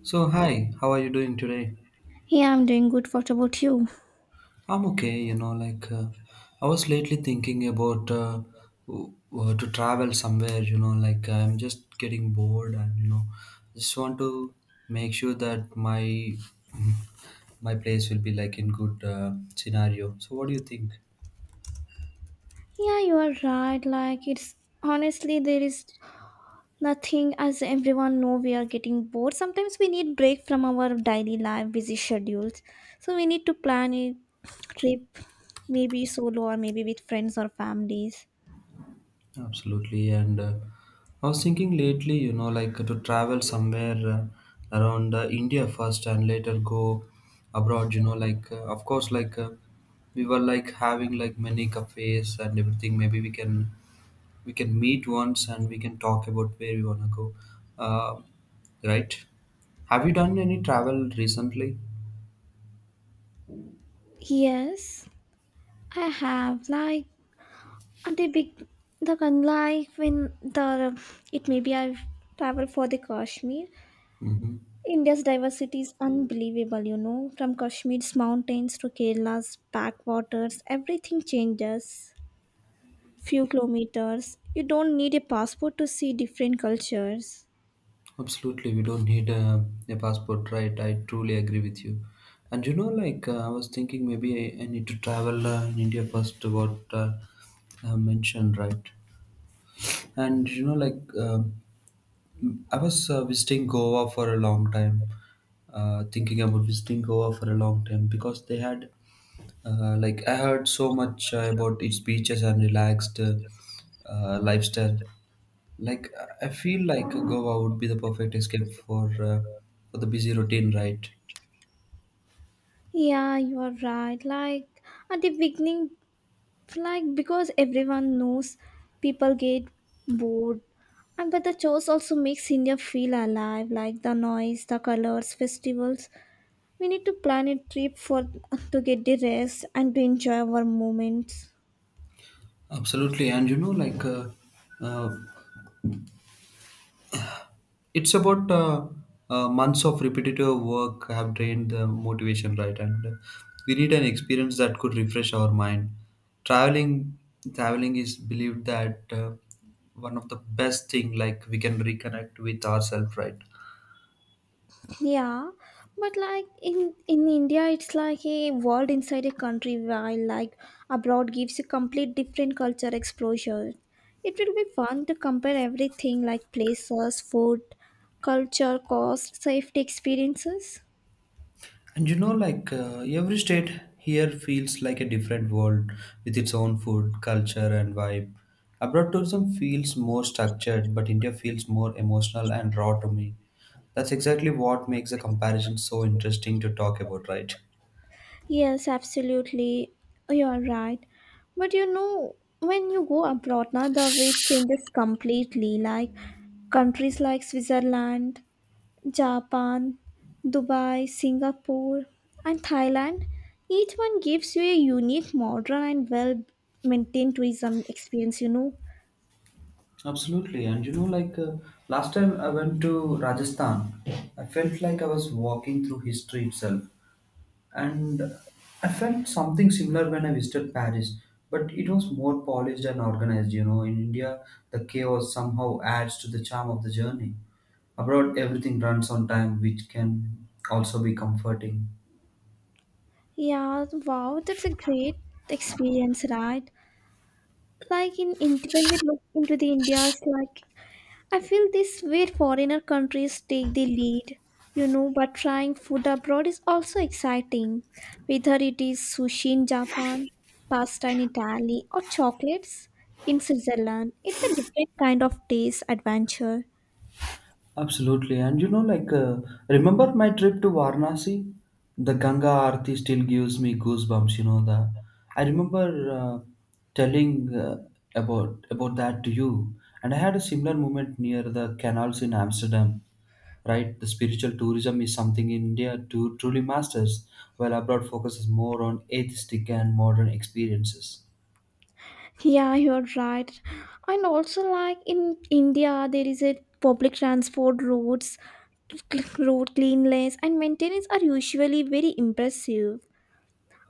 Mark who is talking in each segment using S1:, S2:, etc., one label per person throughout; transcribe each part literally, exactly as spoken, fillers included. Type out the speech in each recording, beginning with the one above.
S1: So, hi, how are you doing today?
S2: Yeah, I'm doing good. What about you?
S1: I'm okay, you know, like uh, I was lately thinking about uh, w- w- to travel somewhere, you know, like I'm just getting bored and, you know, just want to make sure that my my place will be like in good uh, scenario. So, what do you think?
S2: Yeah, you are right. Like it's honestly there is nothing as everyone know we are getting bored. Sometimes we need break from our daily life busy schedules. So we need to plan a trip maybe solo or maybe with friends or families.
S1: Absolutely, and uh, I was thinking lately, you know, like to travel somewhere uh, around uh, India first and later go abroad, you know, like uh, of course, like uh, we were like having like many cafes and everything. Maybe we can we can meet once and we can talk about where we wanna go, uh, right? Have you done any travel recently?
S2: Yes, I have like at a big the like when the it maybe I've traveled for the Kashmir.
S1: Mm-hmm.
S2: India's diversity is unbelievable, you know. From Kashmir's mountains to Kerala's backwaters, everything changes. Few kilometers. You don't need a passport to see different cultures.
S1: Absolutely, we don't need a, a passport, right? I truly agree with you. And you know, like uh, I was thinking, maybe I, I need to travel uh, in India first. What uh, I mentioned, right? And you know, like um I was uh, visiting Goa for a long time, uh, thinking about visiting Goa for a long time because they had, uh, like, I heard so much uh, about its beaches and relaxed uh, uh, lifestyle. Like, I I feel like Goa would be the perfect escape for uh, for the busy routine, right?
S2: Yeah, you are right. Like at the beginning, like because everyone knows, people get bored. And but the chores also makes India feel alive, like the noise, the colors, festivals. We need to plan a trip for to get the rest and to enjoy our moments.
S1: Absolutely, and you know, like uh, uh, it's about uh, uh, months of repetitive work have drained the motivation, right? And uh, we need an experience that could refresh our mind. Traveling traveling is believed that uh, one of the best thing, like, we can reconnect with ourselves, right?
S2: Yeah, but like in in India, it's like a world inside a country. While like abroad gives a complete different culture exposure. It will be fun to compare everything like places, food, culture, cost, safety, experiences.
S1: And you know, like uh, every state here feels like a different world with its own food, culture, and vibe. Abroad tourism feels more structured, but India feels more emotional and raw to me. That's exactly what makes the comparison so interesting to talk about, right?
S2: Yes, absolutely. You're right. But you know, when you go abroad, now the way changes completely. Like countries like Switzerland, Japan, Dubai, Singapore, and Thailand, each one gives you a unique, modern, and well maintained tourism experience, you know.
S1: Absolutely. And you know, like, uh, last time I went to Rajasthan, I felt like I was walking through history itself. And I felt something similar when I visited Paris, but it was more polished and organized. You know, in India, the chaos somehow adds to the charm of the journey. Abroad, everything runs on time, which can also be comforting.
S2: Yeah, wow, that's a great experience, right? Like in Ind- when we look into the India's like I feel this way foreigner countries take the lead, you know, but trying food abroad is also exciting, whether it is sushi in Japan, pasta in Italy, or chocolates in Switzerland. It's a different kind of taste adventure.
S1: Absolutely. And you know, like, uh, remember my trip to Varanasi? The Ganga Aarti still gives me goosebumps, you know. The, I remember uh, telling uh, about about that to you. And I had a similar moment near the canals in Amsterdam. Right? The spiritual tourism is something India to truly masters, while abroad focuses more on atheistic and modern experiences.
S2: Yeah, you're right. And also, like in India, there is a public transport roads, cl- road cleanliness, and maintenance are usually very impressive.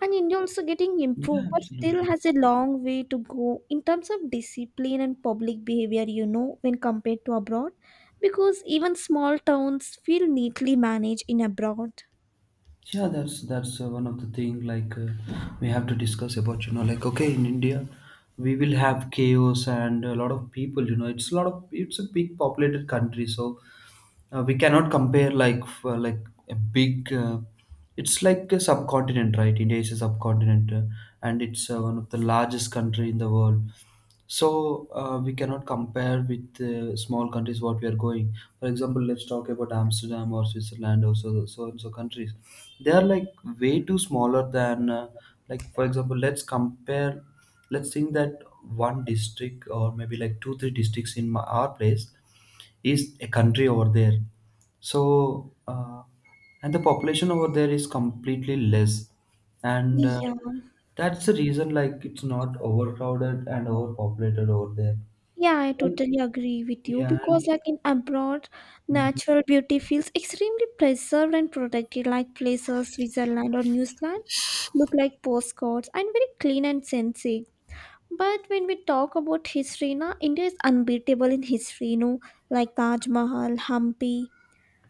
S2: And India also getting
S1: Yeah,
S2: improved, but still
S1: absolutely.
S2: has a long way to go in terms of discipline and public behavior, you know, when compared to abroad. Because even small towns feel neatly managed in abroad.
S1: Yeah, that's that's uh, one of the thing, like, uh, we have to discuss about. You know, like okay, in India, we will have chaos and a lot of people. You know, it's a lot of it's a big populated country, so uh, we cannot compare like f- uh, like a big. Uh, it's like a subcontinent, right? India is a subcontinent, uh, and it's uh, one of the largest country in the world. so uh, we cannot compare with uh, small countries what we are going. For example, let's talk about Amsterdam or Switzerland or so so and so countries. They are like way too smaller than uh, like, for example, let's compare, let's think that one district or maybe like two three districts in my, our place is a country over there. So uh, and the population over there is completely less and uh,
S2: Yeah.
S1: that's the reason like it's not overcrowded and overpopulated over there
S2: Yeah, I
S1: And-
S2: totally agree with you
S1: yeah
S2: because,
S1: and,
S2: like in abroad,
S1: Mhm.
S2: natural beauty feels extremely preserved and protected, like places Switzerland or New Zealand look like postcards and very clean and sensing. But when we talk about history, na, India is unbeatable in history, you know, like Taj Mahal, Hampi,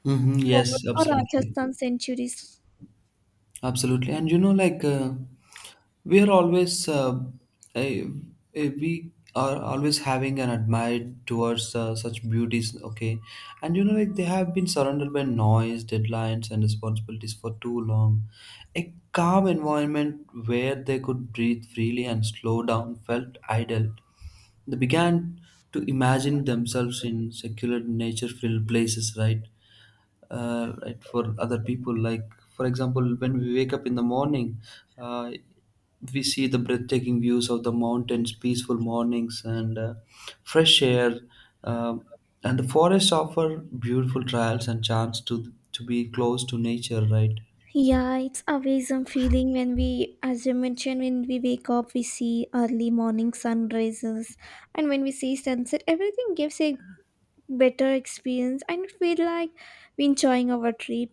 S1: Mhm,
S2: Fort,
S1: yes,
S2: or
S1: absolutely.
S2: Rajasthan centuries.
S1: Absolutely. And you know, like uh, we are always, uh, I, I- we are always having an admire towards uh, such beauties. Okay. And you know, like they have been surrounded by noise, deadlines, and responsibilities for too long. A calm environment where they could breathe freely and slow down felt idle. They began to imagine themselves in secular nature filled places, right? Uh, right, for other people. Like, for example, when we wake up in the morning, uh, we see the breathtaking views of the mountains, peaceful mornings, and uh, fresh air. Uh, and the forests offer beautiful trials and chance to to be close to nature, right?
S2: Yeah, it's always a feeling when we, as you mentioned, when we wake up, we see early morning sun rises, and when we see sunset, everything gives a better experience and feel like we enjoying our trip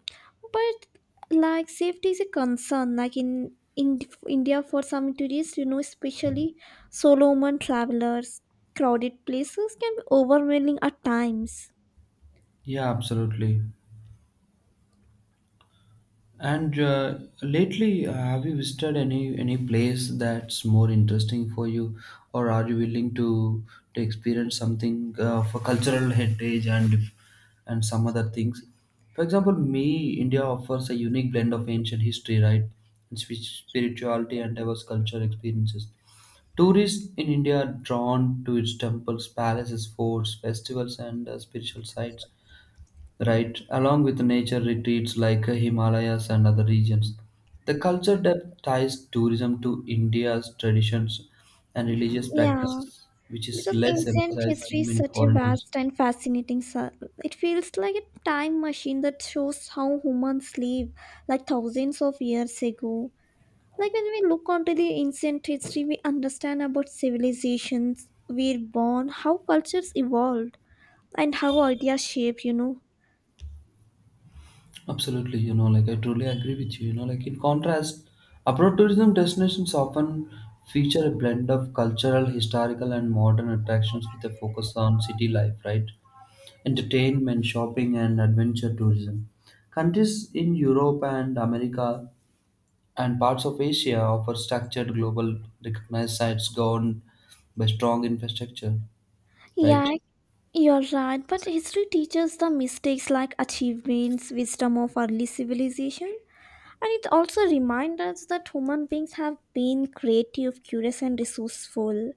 S2: but like safety is a concern like in in India for some tourists, you know, especially solo woman travelers. Crowded places can be overwhelming at times.
S1: Yeah, absolutely. And uh, lately, uh, have you visited any any place that's more interesting for you, or are you willing to to experience something uh, for cultural heritage and and some other things? For example, me, India offers a unique blend of ancient history, right, and spi- spirituality and diverse cultural experiences. Tourists in India are drawn to its temples, palaces, forts, festivals, and uh, spiritual sites, right, along with nature retreats like Himalayas and other regions. The culture depth ties tourism to India's traditions and religious
S2: Yeah,
S1: practices, which is
S2: because
S1: less
S2: ancient
S1: emphasized
S2: history
S1: in
S2: is
S1: many
S2: such a
S1: foreign tours.
S2: vast and fascinating su- it feels like a time machine that shows how humans live like thousands of years ago. Like when we look onto the ancient history, we understand about civilizations, were born, how cultures evolved, and how ideas shape, you know.
S1: Absolutely, you know, like I truly agree with you. You know, like in contrast, abroad tourism destinations often feature a blend of cultural, historical, and modern attractions with a focus on city life, right? Entertainment, shopping, and adventure tourism. Countries in Europe and America and parts of Asia offer structured global recognized sites governed by strong infrastructure, right?
S2: Yeah, you're right, but history teaches the mistakes like achievements, wisdom of early civilization, and it also reminds us that human beings have been creative, curious, and resourceful.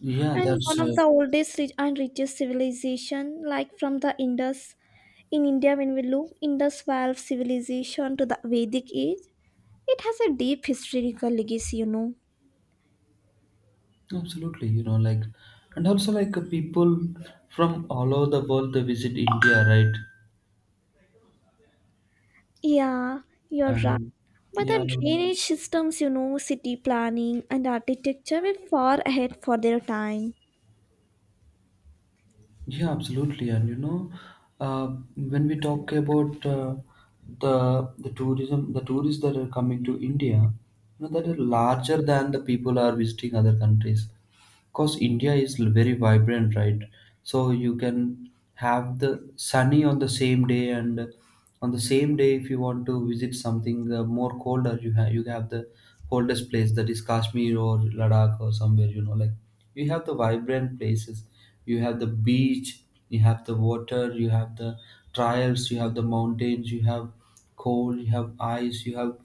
S1: Yeah,
S2: And
S1: that's
S2: one of
S1: uh,
S2: the oldest ri- and richest civilization, like from the Indus. In India, when we look Indus Valley civilization to the Vedic age, it has a deep historical legacy, you know.
S1: absolutely, you know, like, and also like uh, people from all over the world they visit India, right?
S2: Yeah, you're right.
S1: And
S2: But
S1: yeah,
S2: the
S1: look,
S2: drainage systems, you know, city planning and architecture were far ahead for their time.
S1: yeah, absolutely, and you know, uh, when we talk about uh, the the tourism, the tourists that are coming to India, you know, that are larger than the people are visiting other countries. Because India is very vibrant, right? So you can have the sunny on the same day, and on the same day, if you want to visit something uh, more colder, you have you have the coldest place that is Kashmir or Ladakh or somewhere. You know, like you have the vibrant places. You have the beach. You have the water. You have the trials. You have the mountains. You have cold. You have ice. You have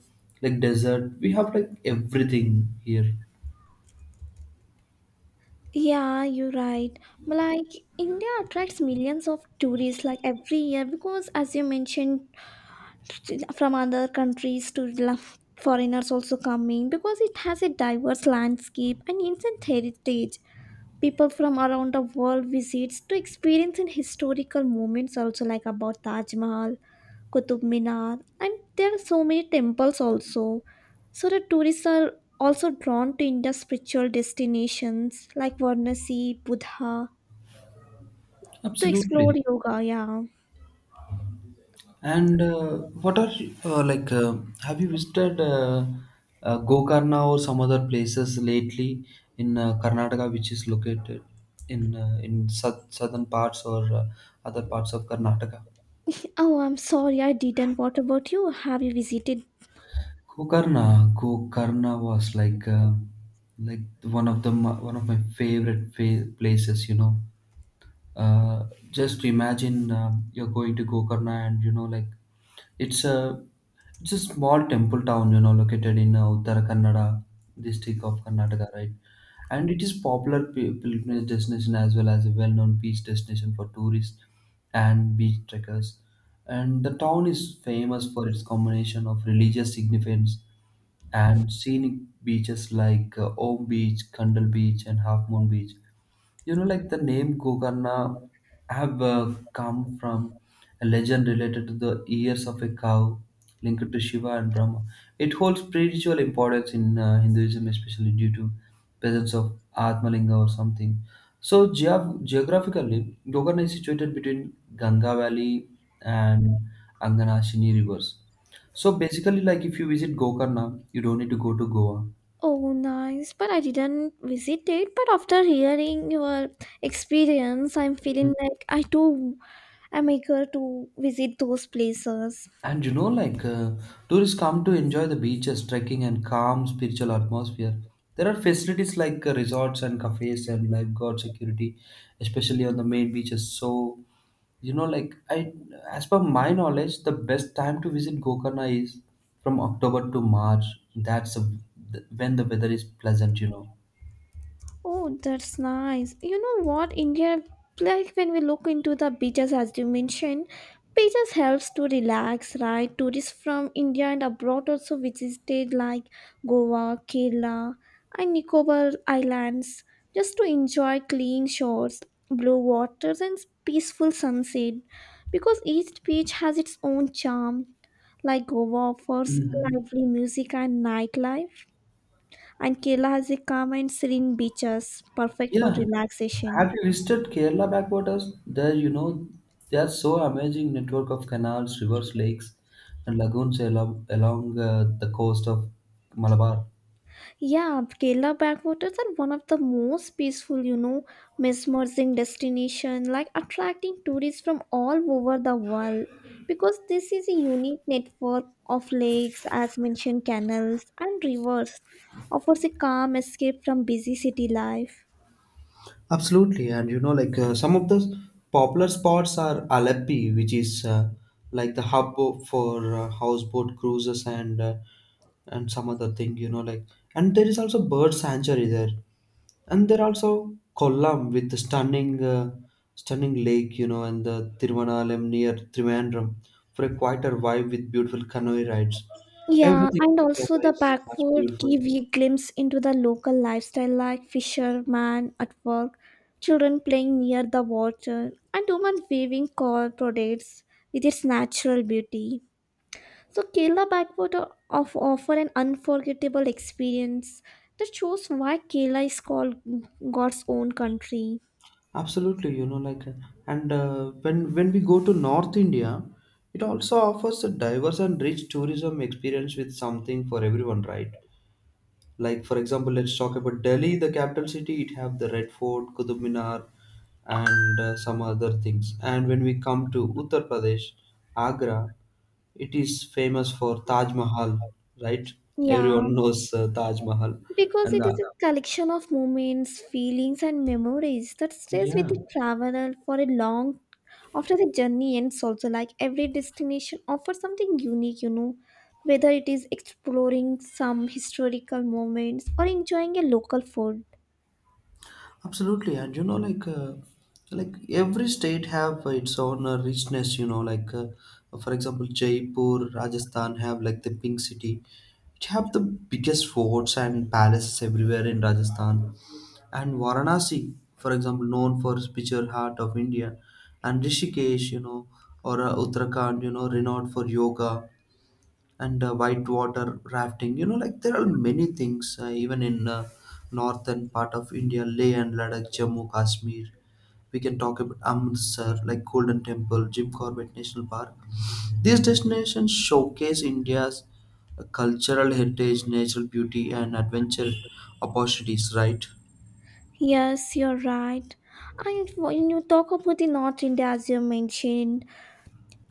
S1: like desert. We have like everything here.
S2: Yeah, you're right. But like India attracts millions of tourists like every year because, as you mentioned, from other countries to la- foreigners also coming because it has a diverse landscape and ancient heritage. People from around the world visits to experience in historical moments also like about Taj Mahal, Qutub Minar, and there are so many temples also. So the tourists are also drawn to India's spiritual destinations like Varanasi, Buddha, to explore
S1: Absolutely.
S2: yoga, yeah.
S1: And uh, what are uh, like? Uh, have you visited uh, uh, Gokarna or some other places lately in uh, Karnataka, which is located in uh, in sou- southern parts or uh, other parts of Karnataka?
S2: Oh, I'm sorry I didn't. What about you? Have you visited?
S1: Gokarna, Gokarna was like uh, like one of the ma- one of my favorite fa- places. You know, Uh, just imagine um, you're going to Gokarna, and you know, like it's a it's a small temple town, you know, located in uh, Uttara Kannada district of Karnataka, right? And it is popular pi- pilgrimage destination as well as a well-known beach destination for tourists and beach trekkers. And the town is famous for its combination of religious significance and scenic beaches like uh, Om Beach, Kandal Beach, and Half Moon Beach. You know, like the name Kokarna have uh, come from a legend related to the ears of a cow linked to Shiva and Brahma. It holds spiritual importance in uh, Hinduism, especially due to presence of Atmalinga or something. So geog- geographically, Gokarna is situated between Ganga Valley and Anganashini rivers. So basically, like if you visit Gokarna, you don't need to go to Goa.
S2: Oh, nice. But I didn't visit it. But after hearing your experience, I'm feeling like I too am eager to visit those places.
S1: And you know, like uh, tourists come to enjoy the beaches, trekking, and calm spiritual atmosphere. There are facilities like uh, resorts and cafes and lifeguard security, especially on the main beaches. So, you know, like I, as per my knowledge, the best time to visit Gokarna is from October to March. That's a, when the weather is pleasant. You know.
S2: Oh, that's nice. You know what, India, like when we look into the beaches, as you mentioned, beaches helps to relax, right? Tourists from India and abroad also visited like Goa, Kerala, and Nicobar Islands, just to enjoy clean shores, blue waters, and peaceful sunset. Because each beach has its own charm, like Goa offers
S1: Mhm.
S2: lively music and nightlife and Kerala has a calm and serene beaches, perfect for
S1: Yeah.
S2: relaxation.
S1: Have you visited Kerala backwaters? There, you know, there's so amazing network of canals, rivers, lakes, and lagoons along, along uh, the coast of Malabar.
S2: Yeah, Kerala backwaters are one of the most peaceful, you know, mesmerizing destination, like attracting tourists from all over the world. Because this is a unique network of lakes, as mentioned, canals and rivers, offers a calm escape from busy city life.
S1: Absolutely, and you know, like uh, some of the popular spots are Aleppi, which is uh, like the hub o- for uh, houseboat cruises and uh, and some other thing, you know, like, and there is also bird sanctuary there, and there are also Kollam with the stunning uh, stunning lake, you know, and the Tiruvannamalai near Trivandrum for a quieter vibe with beautiful canoe rides.
S2: Yeah,
S1: Everything
S2: and
S1: here
S2: also the
S1: is much
S2: backward
S1: beautiful.
S2: give you glimpse into the local lifestyle like fishermen at work, children playing near the water, and women weaving core products with its natural beauty. So Kerala backwater of offer an unforgettable experience that shows why Kerala is called God's own country.
S1: Absolutely, you know, like, and uh, when when we go to North India, it also offers a diverse and rich tourism experience with something for everyone, right? Like, for example, let's talk about Delhi, the capital city. It have the Red Fort, Qutub Minar, and uh, some other things. And when we come to Uttar Pradesh, Agra, it is famous for Taj Mahal, right?
S2: Yeah.
S1: Everyone knows uh, Taj Mahal,
S2: Because
S1: and
S2: it is
S1: uh,
S2: a collection of moments, feelings, and memories that stays with
S1: yeah.
S2: the traveler for a long after the journey ends. Also, like every destination offers something unique, you know, whether it is exploring some historical moments or enjoying a local food.
S1: Absolutely, and you know, like, uh, like every state have uh, its own uh, richness. You know, like, uh, for example, Jaipur, Rajasthan have like the Pink City. It have the biggest forts and palaces everywhere in Rajasthan, and Varanasi, for example, known for its picture heart of India, and Rishikesh, you know, or uh, Uttarakhand, you know, renowned for yoga, and uh, whitewater rafting. You know, like there are many things uh, even in uh, northern part of India, Leh and Ladakh, Jammu, Kashmir. We can talk about Amritsar, like Golden Temple, Jim Corbett National Park. These destinations showcase India's uh, cultural heritage, natural beauty, and adventure opportunities. Right?
S2: Yes, you're right. And when you talk about the North India, as you mentioned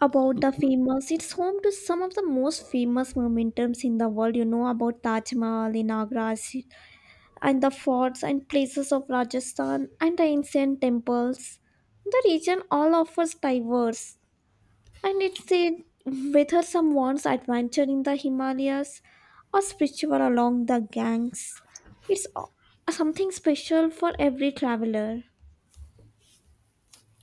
S2: about the famous, it's home to some of the most famous momentums in the world. You know about Taj Mahal in Agra, Sh- and the forts and places of Rajasthan and the ancient temples. The region all offers diverse, and it's a whether someone's adventure in the Himalayas or spiritual along the Ganges. It's o- something special for every traveler.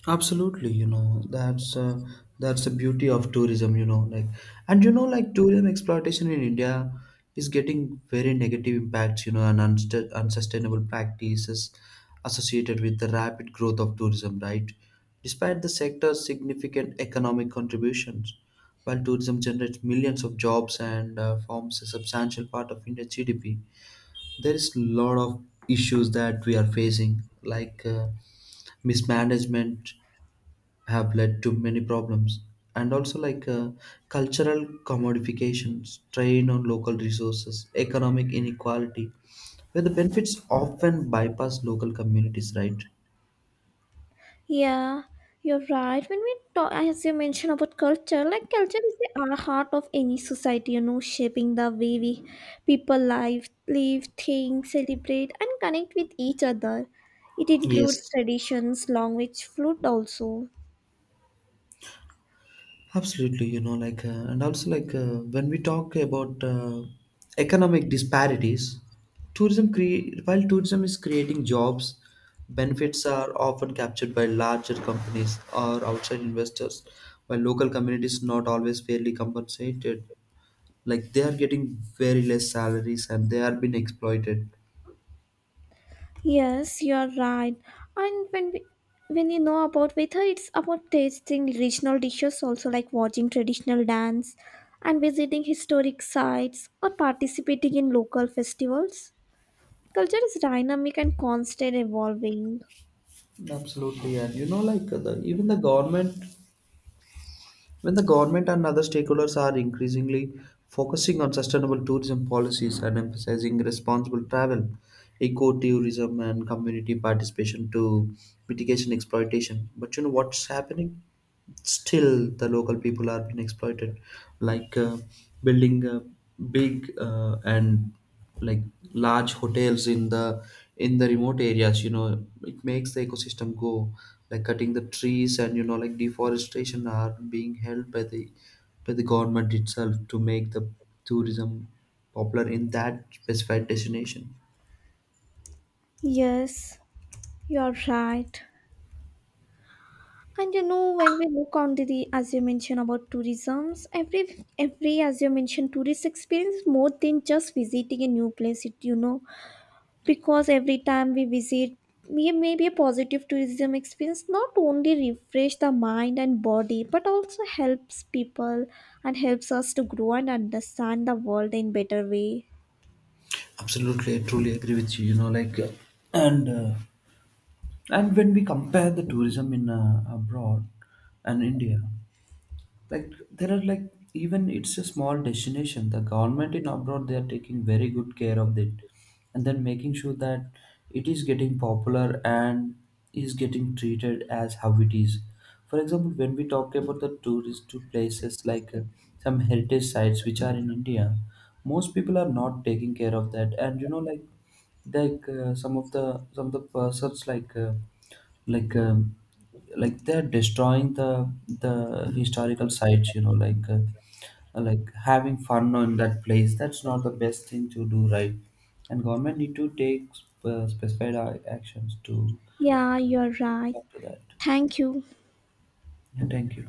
S1: Absolutely, you know, that's uh, that's the beauty of tourism, you know, like, and you know, like tourism exploitation in India is getting very negative impacts, you know, and unst- unsustainable practices associated with the rapid growth of tourism, right? Despite the sector's significant economic contributions, while tourism generates millions of jobs and uh, forms a substantial part of India's G D P, there is a lot of issues that we are facing, like uh, mismanagement have led to many problems, and also like uh, cultural commodification, strain on local resources, economic inequality, where the benefits often bypass local communities, right?
S2: Yeah, you're right. When we talk, as you mentioned about culture, like culture is the uh, heart of any society, you know, shaping the way we people live, live, think, celebrate, and connect with each other. It includes
S1: Yes.
S2: traditions, language, food also.
S1: Absolutely, you know, like, uh, and also like uh, when we talk about uh, economic disparities, tourism cre- while tourism is creating jobs, benefits are often captured by larger companies or outside investors, while local communities not always fairly compensated. Like they are getting very less salaries and they are being exploited.
S2: Yes, you are right. And when we, when you know about weather, it's about tasting regional dishes also, like watching traditional dance and visiting historic sites or participating in local festivals. Culture is dynamic and constant evolving.
S1: Absolutely, and you know, like uh, the even the government. When the government and other stakeholders are increasingly focusing on sustainable tourism policies and emphasizing responsible travel, ecotourism, and community participation to mitigation exploitation. But you know what's happening? Still the local people are being exploited, like uh, building uh, big, uh, and like large hotels in the in the remote areas. You know it makes the ecosystem go, like cutting the trees, and you know like deforestation are being held by the by the government itself to make the tourism popular in that specified destination.
S2: Yes, you are right. And you know, when we look on to the, as you mentioned about tourisms, every every as you mentioned, tourist experience is more than just visiting a new place. It you know, because every time we visit, we maybe a positive tourism experience not only refresh the mind and body, but also helps people and helps us to grow and understand the world in better way.
S1: Absolutely, I truly agree with you. You know Like uh, and uh, and when we compare the tourism in uh, abroad and India, like there are like, even it's a small destination, the government in abroad they are taking very good care of it and then making sure that it is getting popular and is getting treated as how it is. For example, when we talk about the tourist to places like uh, some heritage sites which are in India, most people are not taking care of that. And you know like like uh, some of the some of the persons like uh, like um, like they're destroying the the historical sites. You know like uh, like having fun on that place, that's not the best thing to do, right? And government need to take uh, specified uh, actions to
S2: Yeah, you're
S1: to
S2: right.
S1: look after that.
S2: Thank you.
S1: Yeah, thank you.